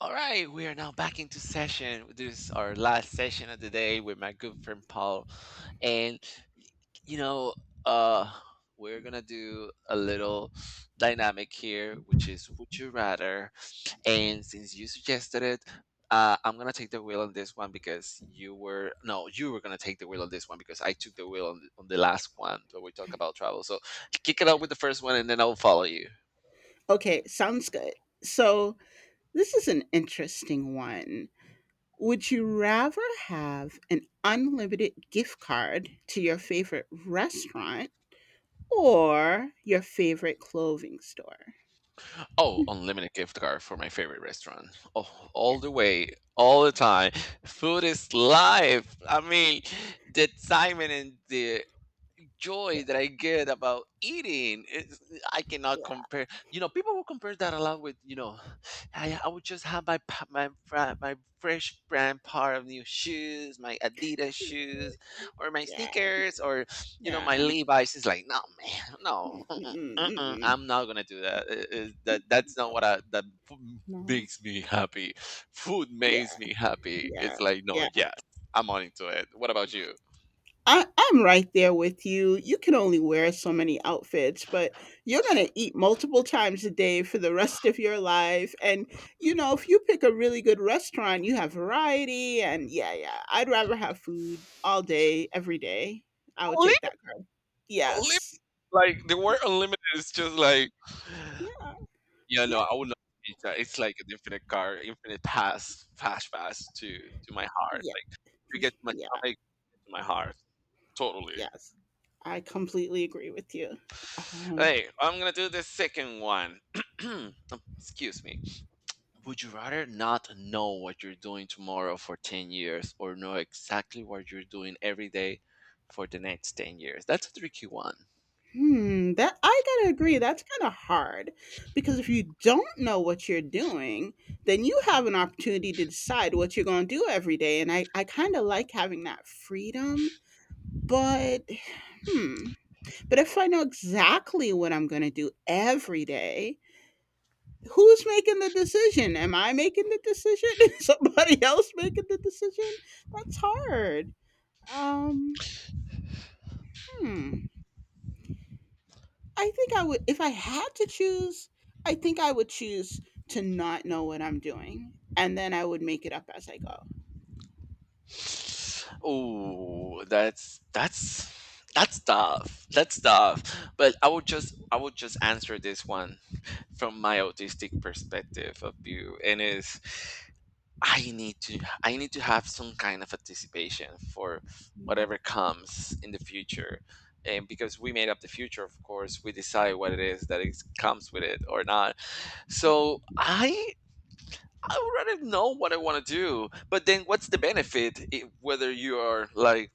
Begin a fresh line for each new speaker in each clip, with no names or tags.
All right, we are now back into session. This is our last session of the day with my good friend Paul, and y- you know, uh, we're gonna do a little dynamic here, which is would you rather. And since you suggested it, I'm gonna take the wheel on this one because you were no, you were gonna take the wheel on this one because I took the wheel on the last one where we talk about travel. So kick it out with the first one, and then I'll follow you.
Okay, sounds good. So, this is an interesting one. Would you rather have an unlimited gift card to your favorite restaurant or your favorite clothing store?
Oh, unlimited gift card for my favorite restaurant. Oh, all
Yeah,
the way, all the time. Food is life. I mean, the excitement and the joy
yeah,
that I get about eating. I cannot
yeah,
compare. People will compare that a lot with. I would just have my my fresh brand pair of new shoes, my Adidas shoes, or my
yeah,
sneakers, or my
yeah.
Levi's. It's like, no, man, no,
Mm, mm,
uh-uh,
mm, mm,
uh-uh,
mm.
I'm not gonna do that. That's not
Oh,
what I f-
no.
makes me happy. Food
Yeah,
makes me happy.
yeah,
It's like, no,
yeah.
yes, I'm on into it. What about you?
I'm right there with you. You can only wear so many outfits, but you're gonna eat multiple times a day for the rest of your life. And you know, if you pick a really good restaurant, you have variety. And yeah, yeah, I'd rather have food all day, every day. I would take that card.
Little,
Yes.
Like the word unlimited is just like,
Yeah.
yeah, no, I
Yeah.
would not teach that. It's like an infinite car, infinite pass, fast pass to my heart.
Yeah.
Like you get to my
Yeah.
stomach, you get to my heart, totally.
Yes. I completely agree with you. Um,
Hey, I'm gonna do the second one. Um, Excuse me. Would you rather not know what you're doing tomorrow for 10 years or know exactly what you're doing every day for the next 10 years? That's a tricky one.
Hmm, that I gotta agree, that's kinda hard. Because if you don't know what you're doing, then you have an opportunity to decide what you're gonna do every day. And I kinda like having that freedom. But hmm. But if I know exactly what I'm gonna do every day, who's making the decision? Am I making the decision? Is somebody else making the decision? That's hard. Um hmm. I think I would, if I had to choose, I think I would choose to not know what I'm doing, and then I would make it up as I go.
Oh, that's tough. That's tough. But I would just answer this one from my autistic perspective of view, and is I need to have some kind of anticipation for
Mm,
whatever comes in the future. And because we made up the future, of course, we decide what it is that it comes with it or not. So I already know what I want to do, but then what's the benefit I whether you are like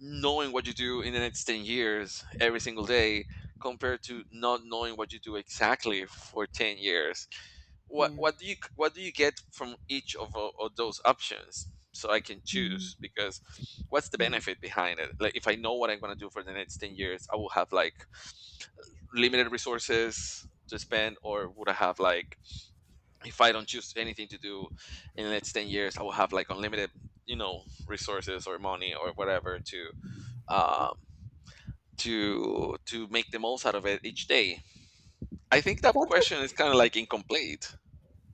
knowing what you do in the next 10 years every single day compared to not knowing what you do exactly for 10 years? What
yeah,
what do you what do you get from each of those options? So I can
mhm,
choose because what's the
yeah.
benefit behind it? Like if I know what I'm going to do for the next 10 years, I will have like limited resources to spend, or would I have like, if I don't choose anything to do in the next 10 years, I will have like unlimited, resources or money or whatever um, to make the most out of it each day. I think that
That's
question
a
is kind of like incomplete.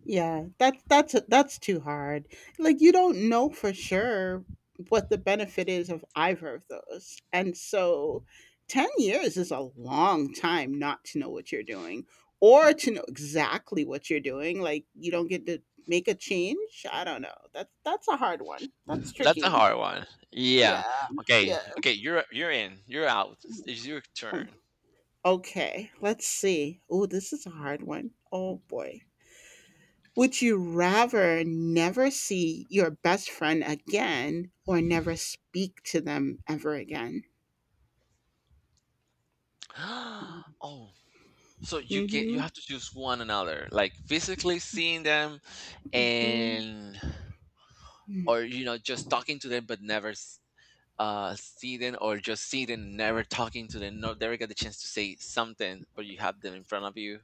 Yeah, that's that's too hard. Like you don't know for sure what the benefit is of either of those. And so 10 years is a long time not to know what you're doing or to know exactly what you're doing. Like you don't get to make a change. I don't know. That's a hard one. That's
That's a
tricky.
hard one. Yeah.
Yeah.
Okay.
Yeah.
Okay. You're in. You're out. It's your
Mm,
turn.
okay, let's see. Oh, this is a hard one. Oh boy. Would you rather never see your best friend again or never speak to them ever again?
Oh, so you
Mhm,
have to choose one another, like physically seeing them
mhm.
and
Mm.
or just talking to them, but never sitting, or just sitting, never talking to them, no, never get the chance to say something but you have them in front of you.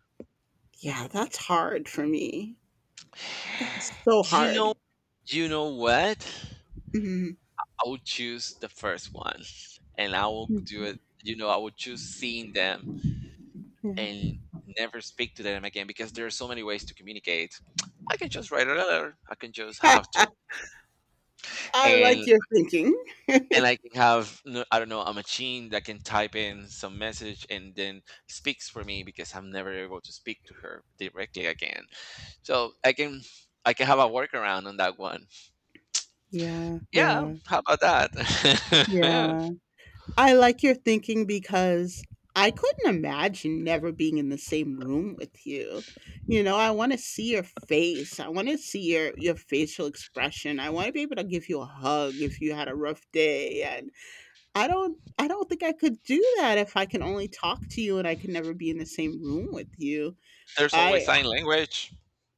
Yeah, that's hard for me. That's so
you know
hard.
you know what,
Mhm.
I would choose the first one, and I will do
Mm,
it. I would choose seeing them
yeah.
and never speak to them again because there are so many ways to communicate. I can just write a letter, I can just have a trip,
I
and
like your thinking.
I can have I don't know, a machine that can type in some message and then speaks for me because I'm never able to speak to her directly again. So I can have a workaround on that one.
Yeah,
Yeah,
yeah,
how about that?
yeah. I like your thinking because I couldn't imagine never being in the same room with you. You know, I want to see your face. I want to see your facial expression. I want to be able to give you a hug if you had a rough day, and I don't think I could do that if I can only talk to you and I can never be in the same room with you.
There's always
I
sign language.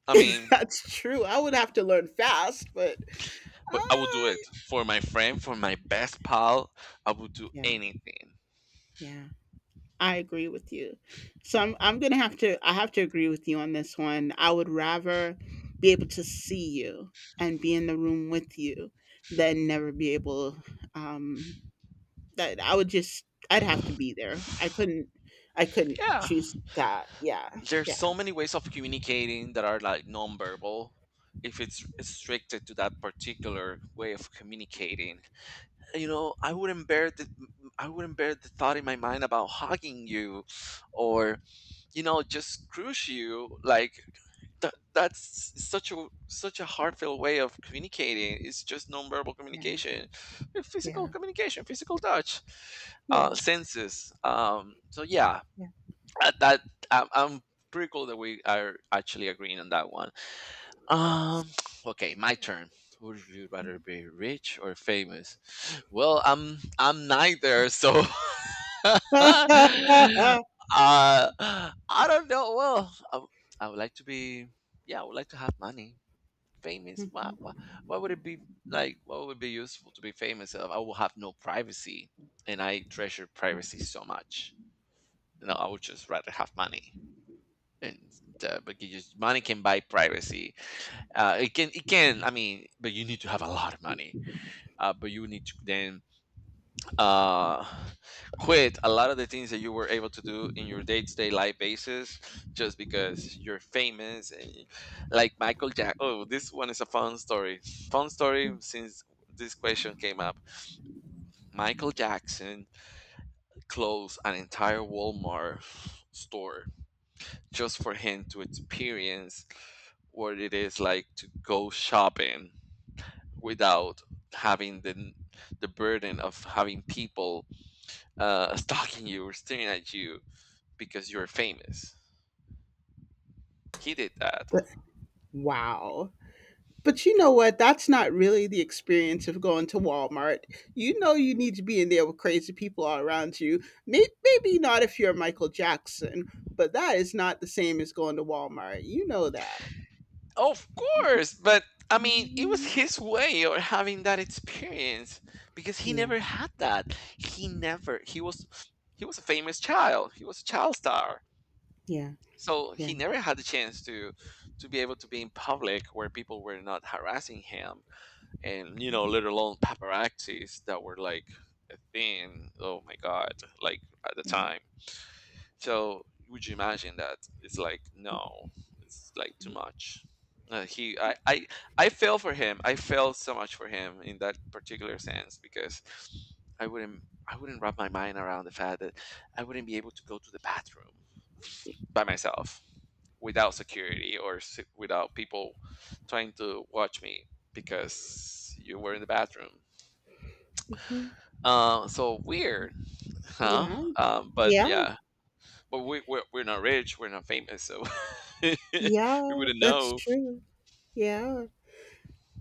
I mean,
that's true. I would have to learn fast, but uh,
but I would do it for my friend, for my best pal. I would do
yeah.
anything.
Yeah. I agree with you. So I'm gonna have to, I have to agree with you on this one. I would rather be able to see you and be in the room with you than never be able, um that I would just I'd have to be there. I couldn't
Yeah.
choose that. Yeah.
There's
Yeah.
so many ways of communicating that are like nonverbal. If it's restricted to that particular way of communicating, you know i wouldn't bear the I wouldn't bear the thought in my mind about hugging you, or just crush you. Like that, that's such a heartfelt way of communicating. It's just nonverbal
Yeah.
communication, physical
Yeah.
communication, physical touch,
Yeah.
senses, so yeah, that I'm pretty cool that we are actually agreeing on that one. Um, okay, my turn. Would you rather be rich or famous? Well, I'm neither, so uh,
Yeah.
I don't know. Well, I would like to be. Yeah, I would like to have money. Famous? Why would it be like? What would be useful to be famous? Of? I will have no privacy, and I treasure privacy
Yeah.
so much. No, I would just rather have money. And but you just, money can buy privacy. It can I mean, but you need to have a lot of money. But you need to then uh, quit a lot of the things that you were able to do in your day to day life basis just because you're famous. And, like Michael Jack. Oh, this one is a fun story. Fun story, since this question came up. Michael Jackson closed an entire Walmart store just for him to experience what it is like to go shopping without having the burden of having people stalking you or staring at you because you're famous. He did that,
Wow. But you know what? That's not really the experience of going to Walmart. You know you need to be in there with crazy people all around you. May- Maybe not if you're Michael Jackson, but that is not the same as going to Walmart. You know that.
of course, but I mean, it was
Mm,
his way of having that experience because he
yeah,
never had that. He never. He was. He was a famous child. He was a child star,
yeah,
so he
yeah,
never had the chance to be able to be in public where people were not harassing him, and let alone paparazzis that were like a thing, oh my God, like at the
yeah,
time. So would you imagine that it's like, no, it's like too much. He I feel for him. I feel so much for him in that particular sense because i wouldn't wrap my mind around the fact that I wouldn't be able to go to the bathroom by myself without security, or without people trying to watch me because you were in the bathroom.
mhm,
So weird, huh?
yeah,
But
yeah,
yeah, but we're not rich, we're not famous, so we
yeah.
wouldn't
That's
know.
true. Yeah.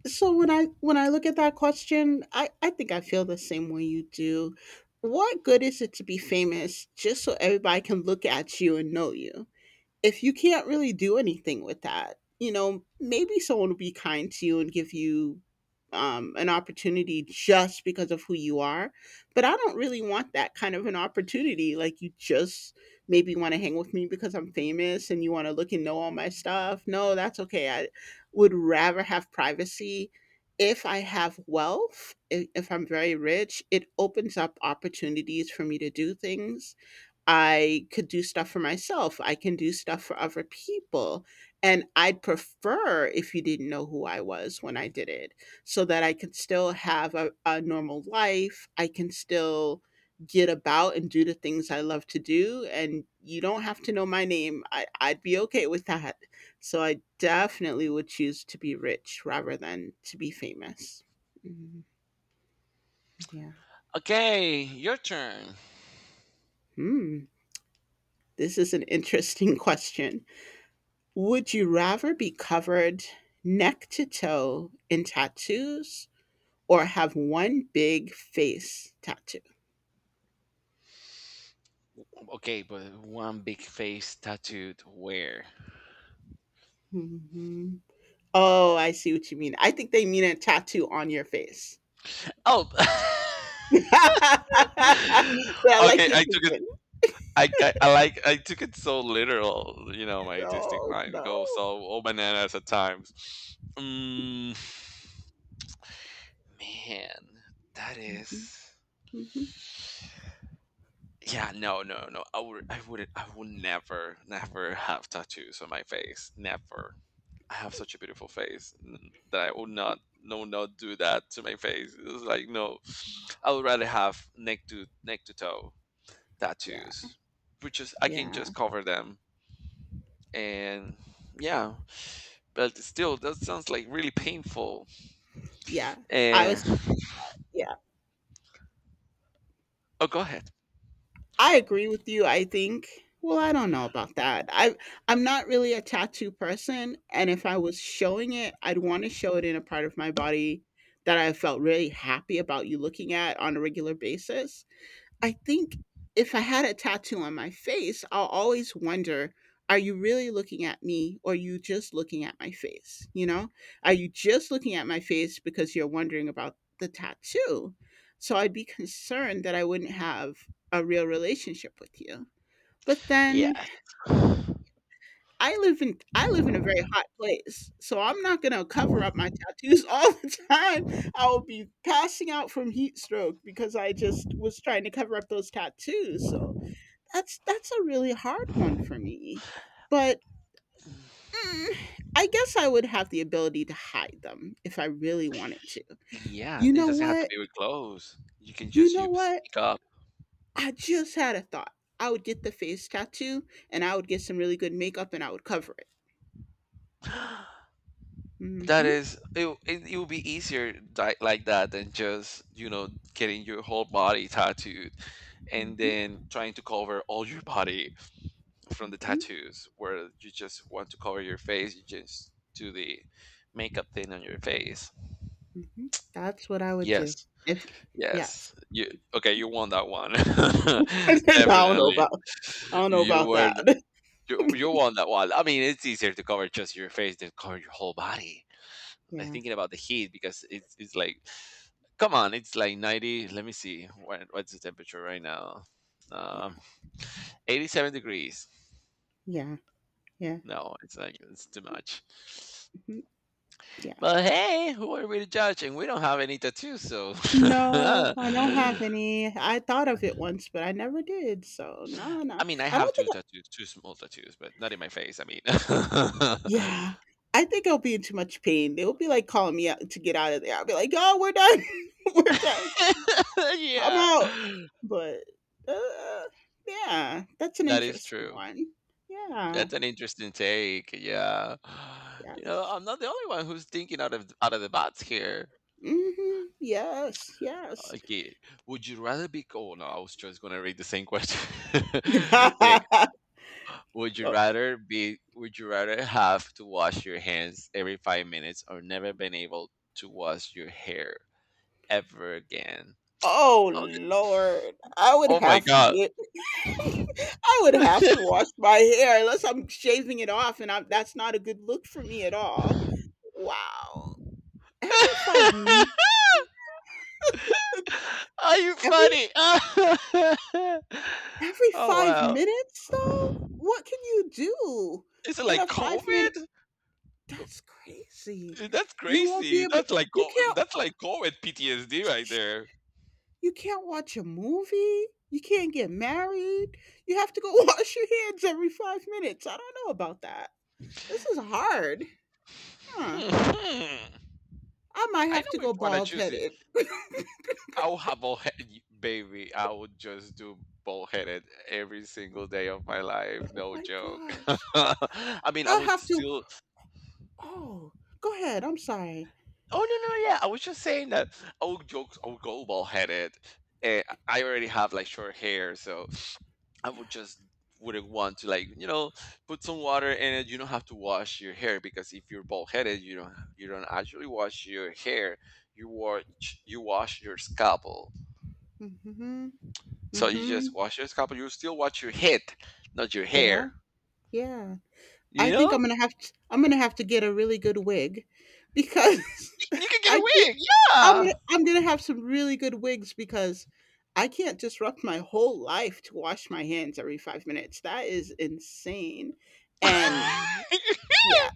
So when I look at that question, I think I feel the same way you do. What good is it to be famous just so everybody can look at you and know you? If you can't really do anything with that, you know, maybe someone will be kind to you and give you an opportunity just because of who you are. But I don't really want that kind of an opportunity. Like, you just maybe want to hang with me because I'm famous and you want to look and know all my stuff. No, that's okay. I would rather have privacy. If I have wealth, if I'm very rich, it opens up opportunities for me to do things. I could do stuff for myself. I can do stuff for other people. And I'd prefer if you didn't know who I was when I did it, so that I could still have a normal life. I can still get about and do the things I love to do. And you don't have to know my name. I'd be okay with that. So I definitely would choose to be rich rather than to be famous. Mm, yeah.
Okay, your turn.
Hmm. This is an interesting question. Would you rather be covered neck to toe in tattoos or have one big face tattoo?
Okay, but one big face tattooed where?
Mhm. Oh, I see what you mean. I think they mean a tattoo on your face.
Oh.
but I like
Okay,
you
I took
thinking.
I, ca- I like I took it so literal. My autistic
No,
mind, it
no.
goes all bananas at times. Man, that
Mhm,
is,
mhm.
yeah. No, no, no. I would never have tattoos on my face. Never. I have such a beautiful face that I would not, no, not do that to my face. It's like, no, I would rather have neck to toe
Yeah,
tattoos, which is I can
yeah,
just cover them, and yeah, but still that sounds like really painful,
yeah. I was.
and
Yeah.
oh, go ahead.
I agree with you, I think. Well, I don't know about that. I'm not really a tattoo person, and if I was showing it, I'd want to show it in a part of my body that I felt really happy about you looking at on a regular basis. I think if I had a tattoo on my face, I'll always wonder, are you really looking at me or are you just looking at my face? You know, are you just looking at my face because you're wondering about the tattoo? So I'd be concerned that I wouldn't have a real relationship with you. But
Yeah,
then I live in a very hot place. So I'm not going to cover up my tattoos all the time. I will be passing out from heat stroke because I just was trying to cover up those tattoos. So that's a really hard one for me. But mm, I guess I would have the ability to hide them if I really wanted to.
yeah,
You
it
know
doesn't have to
what?
be with clothes, you can
You
just you
know what?
speak up.
I just had a thought. I would get the face tattoo and I would get some really good makeup and I would cover it.
That
Mm-hmm.
is it will be easier like that than just, getting your whole body tattooed and
Mm-hmm.
then trying to cover all your body from the
Mm-hmm.
tattoos, where you just want to cover your face, you just do the makeup thing on your face.
Mm-hmm. That's what I would do.
Yes.
If yes.
Yes. You okay? You won that one.
I don't know
Definitely,
about I don't know
you
about
were
that.
the- you won that one. I mean, it's easier to cover just your face than cover your whole body. Like
Yeah.
thinking about the heat, because it's like, come on, it's like 90. Let me see what's the temperature right now.
Yeah.
Um, 87 degrees.
Yeah. Yeah.
No, it's like it's too much.
Mhm, yeah.
But hey, who are we to judge? And we don't have any tattoos, so
No, I don't have any. I thought of it once, but I never did. So no,
I
no.
mean, I
I
have
don't
two
think I
tattoos, two small tattoos, but not in my face. I mean,
Yeah. I think I'll be in too much pain. They'll be like calling me out to get out of there. I'll be like, "Oh, we're done. We're done. I'm
yeah,
out." But uh, yeah, that's an
that is
interesting
true.
one. Yeah.
That's an interesting take. Yeah,
Yes.
I'm not the only one who's thinking out of the box here.
Hmm. Yes. Yes.
Okay, would you rather be? Oh no, I was just gonna read the same question. Okay, would you
Well,
rather be? Would you rather have to wash your hands every 5 minutes, or never been able to wash your hair ever again?
oh,
Oh,
Lord. I would
oh my
have to
God.
get I would have to wash my hair unless I'm shaving it off, and I'm that's not a good look for me at all. Wow. Every 5 m
Are you
every
funny. Oh,
every 5
wow.
minutes, though? What can you do
Is it
in
like
a 5 minute
COVID?
That's crazy.
That's
You won't be
crazy.
able
That's like
you
co-
can't
that's like COVID PTSD right there.
you can't watch a movie, you can't get married, you have to go wash your hands every 5 minutes. I don't know about that. This is hard. Huh.
Hmm.
I might
I
have
know
to
which
go
one I
bald
choose. It.
headed.
I'll have a head, baby. I would just do bullheaded every single day of my life. No
My
joke.
gosh.
I mean, I
I'll
would
have to.
still.
Oh, go ahead. I'm sorry.
Oh, no, yeah, I was just saying that I would joke, I would go bald headed. And I already have like short hair, so I
Yeah.
would just wouldn't want to, like, put some water in it. You don't have to wash your hair because if you're bald headed, you don't actually wash your hair. You wash your scalpel.
Mm-hmm.
So you
Mm-hmm.
just wash your scalpel. You still wash your head, not your hair.
There. Yeah. I
You
think
know
I'm gonna have to. I'm gonna have to get a really good wig, because
you can get
I can't.
away.
I'm gonna have some really good wigs because I can't disrupt my whole life to wash my hands every 5 minutes. That is insane. And
Yeah.
yeah,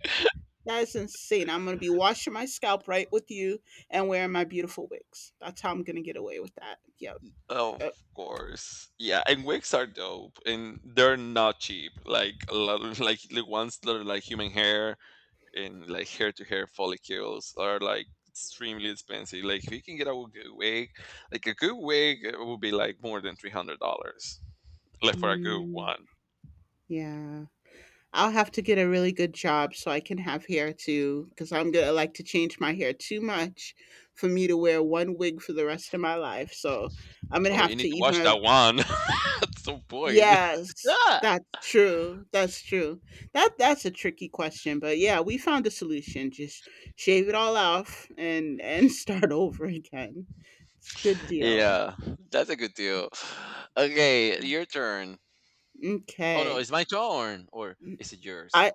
that is insane. I'm gonna be washing my scalp right with you and wearing my beautiful wigs. That's how I'm gonna get away with that. Yep.
Of
Yep.
course. Yeah, and wigs are dope and they're not cheap. Like a lot of- like the ones that are like human hair and like hair to hair follicles are like extremely expensive. Like if you can get a good wig, like a good wig, it will be like more than $300. Like for a good
Mm,
one.
yeah. I'll have to get a really good job so I can have hair too, because I'm gonna like to change my hair too much for me to wear one wig for the rest of my life. So I'm gonna
Oh, you
have
need
to
to wash that
even
one at some point.
yes, that's true. That's true. That's a tricky question, but yeah, we found a solution. Just shave it all off and start over again. It's a good deal.
Yeah, that's a good deal. Okay, your turn. Oh no,
Okay.
it's my turn, or
Mm,
is it yours?
I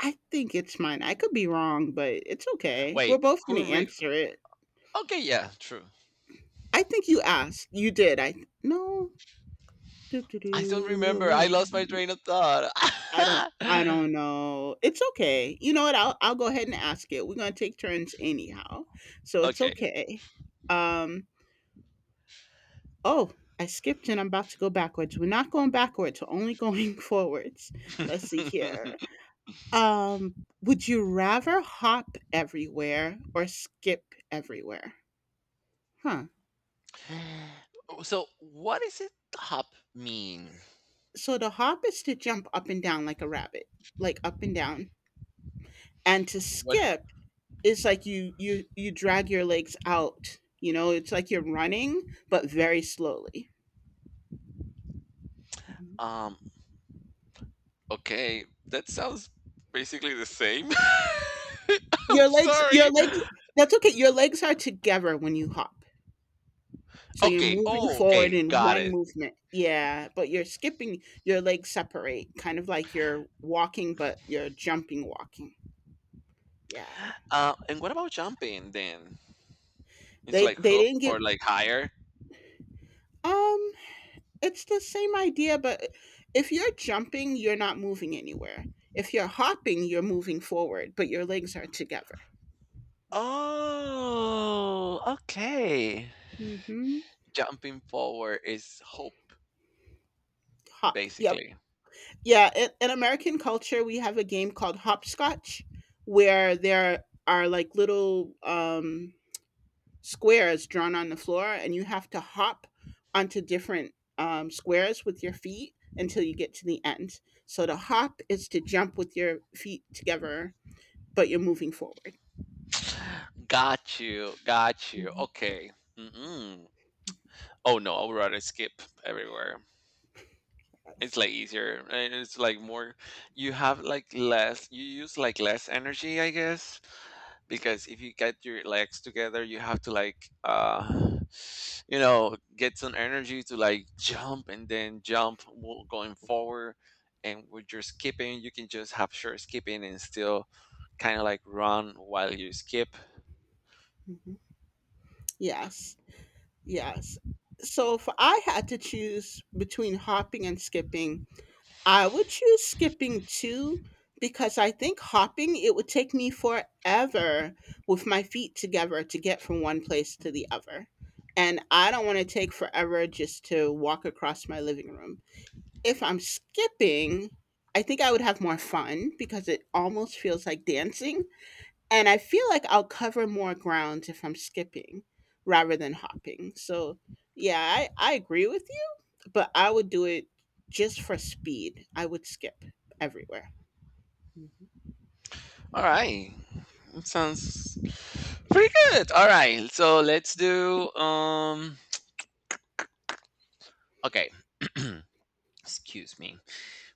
I think it's mine. I could be wrong, but it's okay.
Wait,
We're both going
who
to
re—
answer it.
okay, yeah, true.
I think you asked. You did. I No. Do, do,
I don't remember. I lost my
do.
train of thought.
I don't know. It's okay. You know what? I'll go ahead and ask it. We're gonna take turns anyhow. So it's
Okay.
okay. Um oh, I skipped and I'm about to go backwards. We're not going backwards, we're only going forwards. Let's see here. Um would you rather hop everywhere or skip everywhere? Huh.
Oh, so what is it hop mean?
So the hop is to jump up and down like a rabbit, like up and down. And to
What
skip, it's like you drag your legs out, you know, it's like you're running but very slowly.
um okay, that sounds basically the same. I'm
Your legs your
sorry.
legs that's okay. Your legs are together when you hop, so you're
Okay,
moving
oh,
forward
okay,
in
got
one
it.
movement. Yeah, but you're skipping, your legs separate, kind of like you're walking but you're jumping walking. Yeah,
And what about jumping then? It's
they
like
they
hoop
didn't give,
or like higher?
um it's the same idea, but if you're jumping you're not moving anywhere. If you're hopping you're moving forward but your legs are together.
Oh, okay.
Mhm.
Jumping forward is hope.
Hop, yep.
Basically.
Yeah, in American culture, we have a game called hopscotch, where there are, like, little, squares drawn on the floor, and you have to hop onto different, squares with your feet until you get to the end. So to hop is to jump with your feet together, but you're moving forward.
Got you. Got you.
Mhm.
Okay. Mm-mm. Oh no, I would rather skip everywhere. It's like easier and it's like more, you have like less, you use like less energy, I guess, because if you get your legs together, you have to like get some energy to like jump and then jump wo- going forward, and with your skipping, you can just have short skipping and still kind of like run while you skip.
Mhm. Yes, yes. So if I had to choose between hopping and skipping, I would choose skipping too, because I think hopping, it would take me forever with my feet together to get from one place to the other. And I don't want to take forever just to walk across my living room. If I'm skipping, I think I would have more fun because it almost feels like dancing. And I feel like I'll cover more ground if I'm skipping rather than hopping. So, yeah, I agree with you, but I would do it just for speed. I would skip everywhere. Mhm. Mhm.
All right. It sounds pretty good. All right. So let's do okay. Excuse me.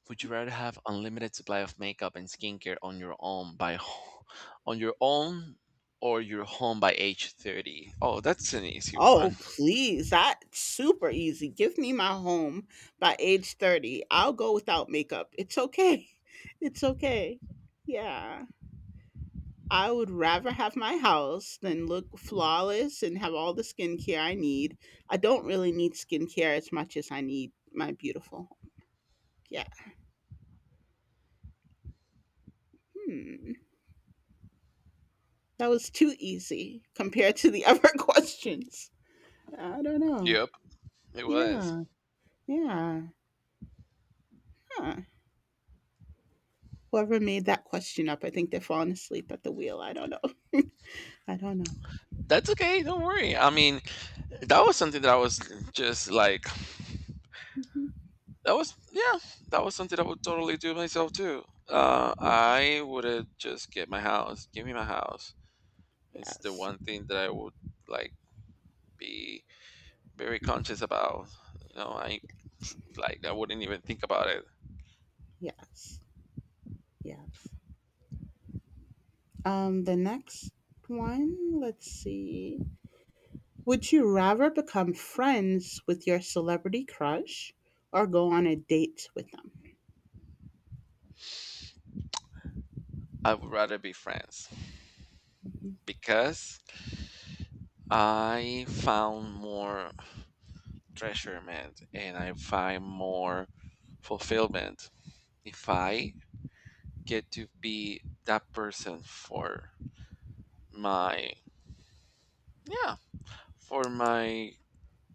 Would you rather have unlimited supply of makeup and skincare on your own by ho- on your own, or your home by age 30? Oh, that's an easy one.
Oh, please. That's super easy. Give me my home by age 30. I'll go without makeup. It's okay. It's okay. Yeah. I would rather have my house than look flawless and have all the skincare I need. I don't really need skincare as much as I need my beautiful home. Yeah. Hmm. That was too easy compared to the other questions. I don't know.
Yep, it was.
Yeah. Yeah. Huh. Whoever made that question up, I think they've fallen asleep at the wheel. I don't know. I don't know.
That's okay. Don't worry. I mean, that was something that I was just like.
Mhm.
That was, yeah, that was something I would totally do myself too.
Yeah.
I would just get my house. Give me my house. It's the
Yes,
one thing that I would, like, be very conscious about. You know, I like, I wouldn't even think about it.
yes, yes. The next one, let's see. Would you rather become friends with your celebrity crush or go on a date with them?
I would rather be friends
Mhm,
because I found more treasurement and I find more fulfillment if I get to be that person for my, yeah, for my.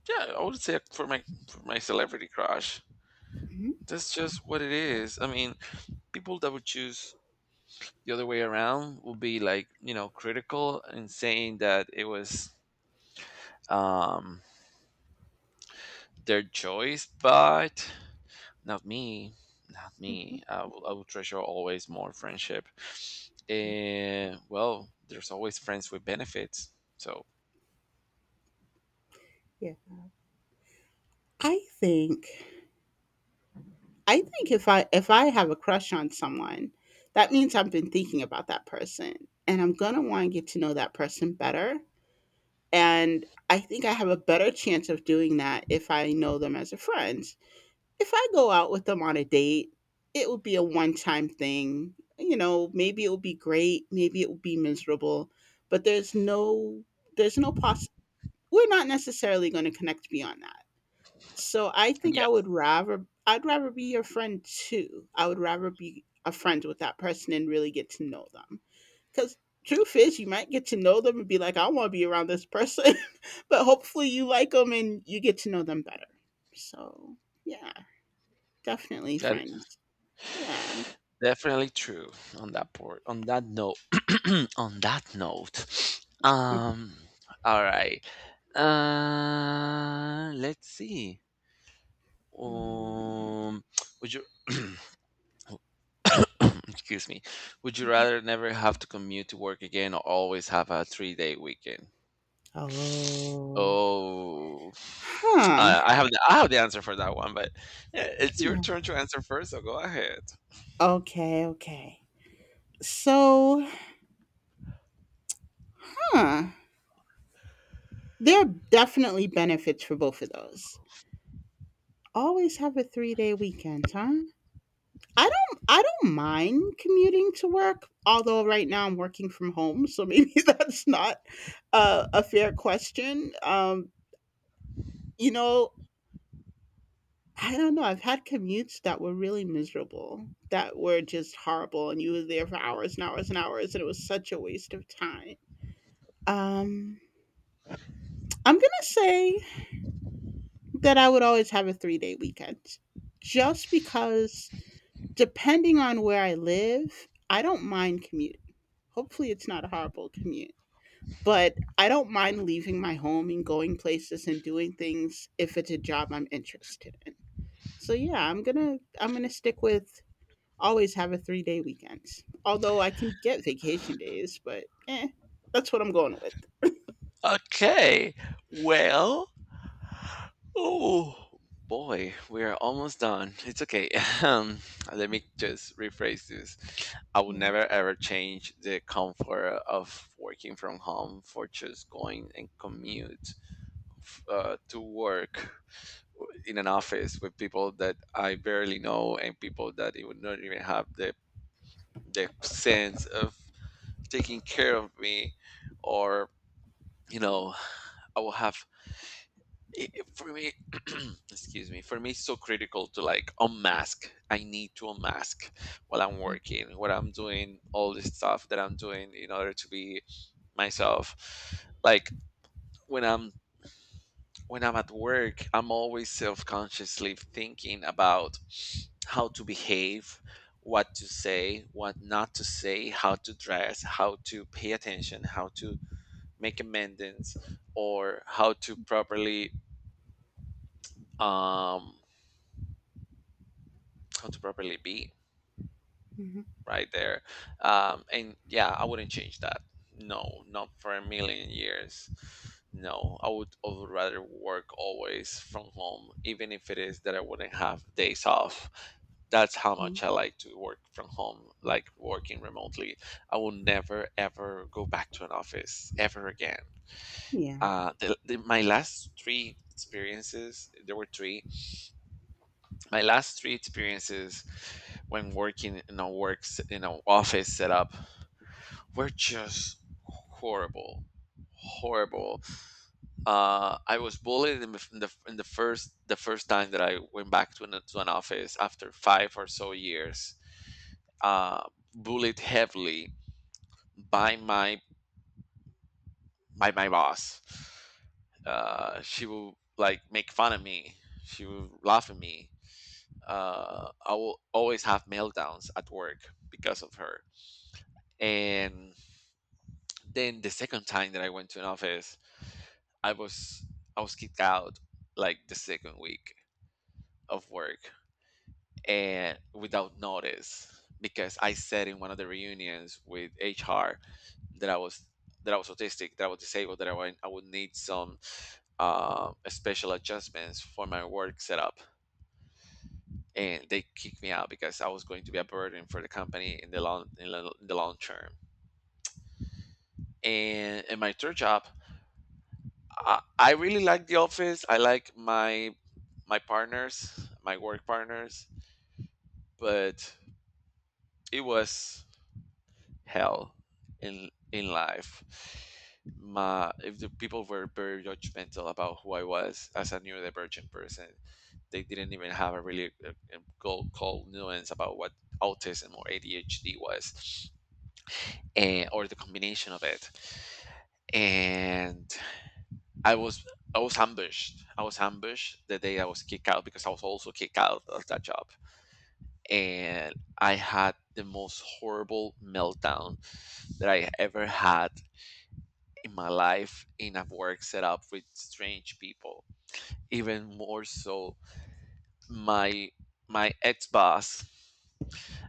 Yeah, I would say for my celebrity crush,
mhm,
that's just what it is. I mean, people that would choose the other way around will be like, critical and saying that it was um their choice, but not me, not
mhm.
me. I will treasure always more friendship,
Yeah,
and well, there's always friends with benefits. So
yeah. I think I think if I have a crush on someone, that means I've been thinking about that person, and I'm gonna want to get to know that person better. And I think I have a better chance of doing that if I know them as a friend. If I go out with them on a date, it will be a one time thing. You know, maybe it will be great, maybe it will be miserable, but there's no poss, we're not necessarily going to connect beyond that. So I think
yeah,
I would rather, I'd rather be your friend too. I would rather be a friend with that person and really get to know them. Because truth is, you might get to know them and be like, I want to be around this person, but hopefully you like them and you get to know them better. So, yeah, definitely
that is
friends. Yeah.
definitely true on that port on that note. On that note, um, all right. Let's see.
Mm.
Um, would you excuse me? Would you rather never have to commute to work again or always have a three-day weekend?
Oh.
Oh,
Huh.
I have the answer for that one, but yeah, it's your
Yeah.
turn to answer first. So go ahead.
Okay, okay. So, huh. There are definitely benefits for both of those. Always have a 3-day weekend, huh? I don't mind commuting to work, although right now I'm working from home, so maybe that's not a fair question. You know, I don't know. I've had commutes that were really miserable, that were just horrible, and you were there for hours and hours and hours, and it was such a waste of time. Um, I'm gonna say that I would always have a 3-day weekend, just because depending on where I live, I don't mind commuting, hopefully it's not a horrible commute. But I don't mind leaving my home and going places and doing things if it's a job I'm interested in. So yeah, I'm gonna stick with always have a 3-day weekends. Although I can get vacation days, but eh, that's what I'm going with.
Okay. Well, oh boy, we are almost done. It's okay. Um, let me just rephrase this. I would
Yeah.
never ever change the comfort of working from home for just going and commute f- to work in an office with people that I barely know and people that it would not even have the sense of taking care of me or, you know I will have it- for me excuse me, for me it's so critical to like unmask, I need to unmask while I'm working, what I'm doing, all this stuff that I'm doing in order to be myself, like when I'm when I'm at work, I'm always self-consciously thinking about how to behave, what to say, what not to say, how to dress, how to pay attention, how to make amendments, or how to properly um could probably be
Mhm.
right there. And yeah, I wouldn't change that. No, not for a million years. No, I would rather work always from home, even if it is that I wouldn't have days off. That's how
Mhm.
much I like to work from home, like working remotely. I will never, ever go back to an office ever again.
Yeah.
My last three experiences, there were three, my last three experiences when working in a works in an office setup were just horrible, horrible. I was bullied in the, in the in the first, the first time that I went back to an office after five or so years. uh, bullied heavily by my by my boss. She will like make fun of me, she will laugh at me. I will always have meltdowns at work because of her. And then the second time that I went to an office, I was, I was kicked out like the second week of work and without notice because I said in one of the reunions with HR that I was, that I was autistic, that I was disabled, that I would need some special adjustments for my work setup, and they kicked me out because I was going to be a burden for the company in the long, in the long term. And in my third job, I really like The Office. I like my partners, my work partners, but it was hell in life. My, if the people were very judgmental about who I was as a neurodivergent person, they didn't even have a really go cold nuance about what autism or ADHD was, and or the combination of it. And I was, I was ambushed. I was ambushed the day I was kicked out because I was also kicked out of that job. And I had the most horrible meltdown that I ever had in my life in a work setup with strange people. Even more so my my ex boss.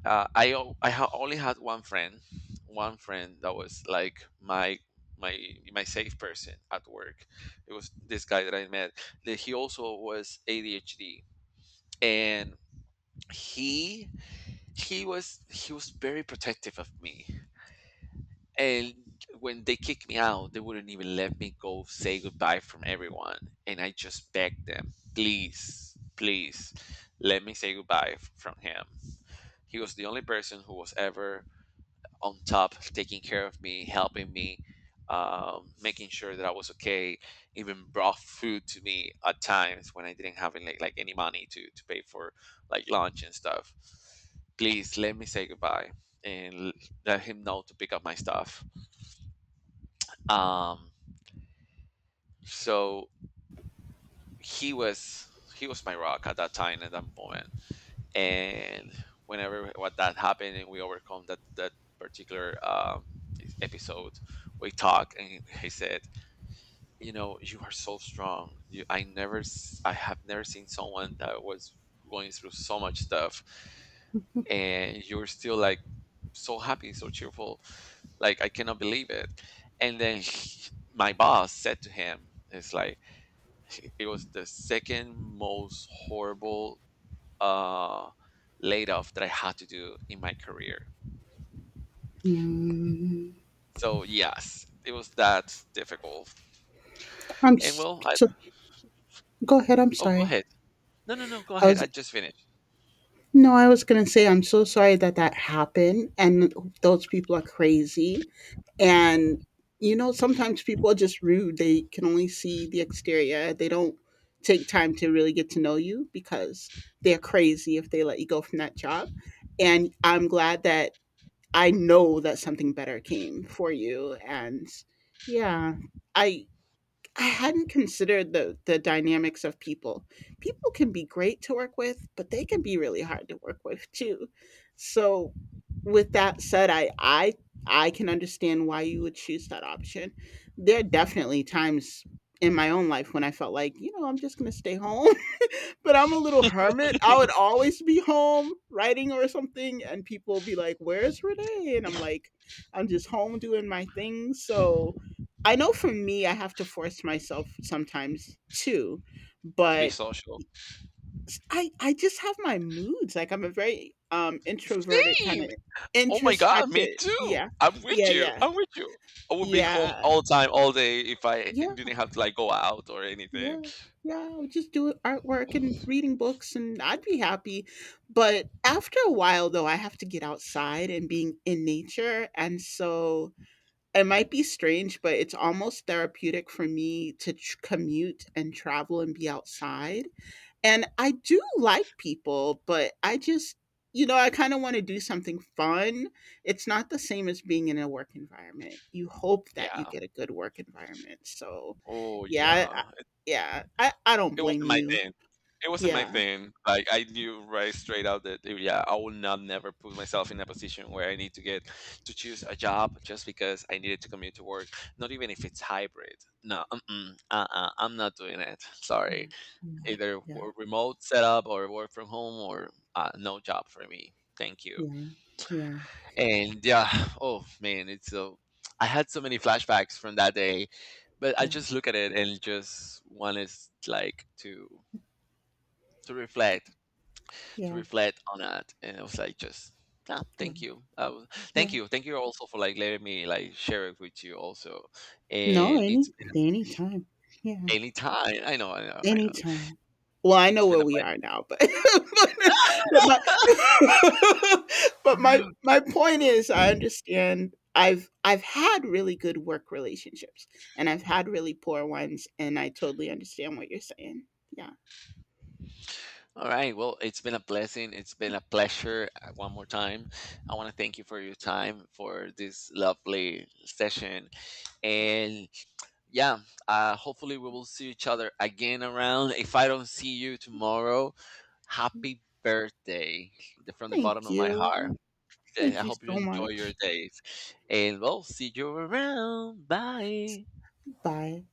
I o- I ha- only had one friend that was like my my safe person at work. It was this guy that I met. That he also was ADHD, and he he was, he was very protective of me. And when they kicked me out, they wouldn't even let me go say goodbye from everyone. And I just begged them, please, please, let me say goodbye f- from him. He was the only person who was ever on top, taking care of me, helping me, making sure that I was okay. Even brought food to me at times when I didn't have any, like any money to pay for like lunch and stuff. Please let me say goodbye and l- let him know to pick up my stuff. Um, so he was, he was my rock at that time, at that moment. And whenever what that happened and we overcome that, that particular e-, episode, we talk and he said, you know, you are so strong. You, I never, s- I have never seen someone that was going through so much stuff, and you're still like so happy, so cheerful. Like I cannot believe it. And then he- my boss said to him, "It's like it was the second most horrible uh, laid off that I had to do in my career."
Mm.
So yes, it was that difficult.
I'm
And
s-
well, I,
so. Go ahead. I'm
oh, go
sorry.
ahead. No, no, no, go
I
ahead.
was
I just finished.
no. I was gonna say I'm so sorry that that happened, and those people are crazy. And you know, sometimes people are just rude. They can only see the exterior. They don't take time to really get to know you, because they're crazy if they let you go from that job. And I'm glad that I know that something better came for you. And yeah, I I hadn't considered the dynamics of people. People can be great to work with, but they can be really hard to work with too. So with that said, I can understand why you would choose that option. There are definitely times in my own life when I felt like, you know, I'm just going to stay home, but I'm a little hermit. I would always be home writing or something and people would be like, "Where's Renee?" and I'm like, "I'm just home doing my thing." So I know for me, I have to force myself sometimes too,
To be
but
social.
I just have my moods. Like I'm a very introverted kind
Same.
of
Oh my God, me
introspective.
too.
Yeah,
I'm with
yeah,
you.
yeah,
I'm with you. I would be home
yeah,
all time, all day if I
yeah,
didn't have to like go out or anything.
yeah, yeah. I would just do artwork and reading books, and I'd be happy. But after a while, though, I have to get outside and being in nature, and so it might be strange, but it's almost therapeutic for me to tr commute and travel and be outside, and I do like people, but I just, you know, I kinda wanna do something fun. It's not the same as being in a work environment. You hope that
Yeah.
you get a good work environment, so,
Oh
yeah,
yeah. It,
yeah, I don't
it wasn't
blame
my
you.
thing. It wasn't my
Yeah.
thing. Like I knew right straight out that eh, yeah, I will not never put myself in a position where I need to get to choose a job just because I needed to commute to work. Not even if it's hybrid. No. Mm-mm, uh-uh, I'm not doing it. Sorry.
Yeah. Yeah.
Either
Yeah.
w- remote setup or work from home or, no job for me. Thank you.
Yeah.
And yeah, oh man, it's so. I had so many flashbacks from that day, but I
Yeah.
just look at it and just wanted like to, to reflect, to
Yeah.
reflect on that, and I was like just. Ah,
Yeah.
thank you. Thank
Yeah.
you. Thank you also for like letting me like share it with you also.
No,
And it's
any
been
anytime. Yeah.
any time. I know, I know, I know.
Anytime. Well, I
It's
know
been
where
a
we are now, but but my
pleasure.
but my my point is I understand I've had really good work relationships and I've had really poor ones and I totally understand what you're saying. Yeah.
All right. Well, it's been a blessing. It's been a pleasure. One more time, I want to thank you for your time for this lovely session. And yeah, hopefully we will see each other again around. If I don't see you tomorrow,
Yeah.
happy birthday the- from the bottom
Thank
of my
you.
heart. I
Thank you
hope you
so
enjoy your
much.
days. And we'll see you around. Bye.
Bye.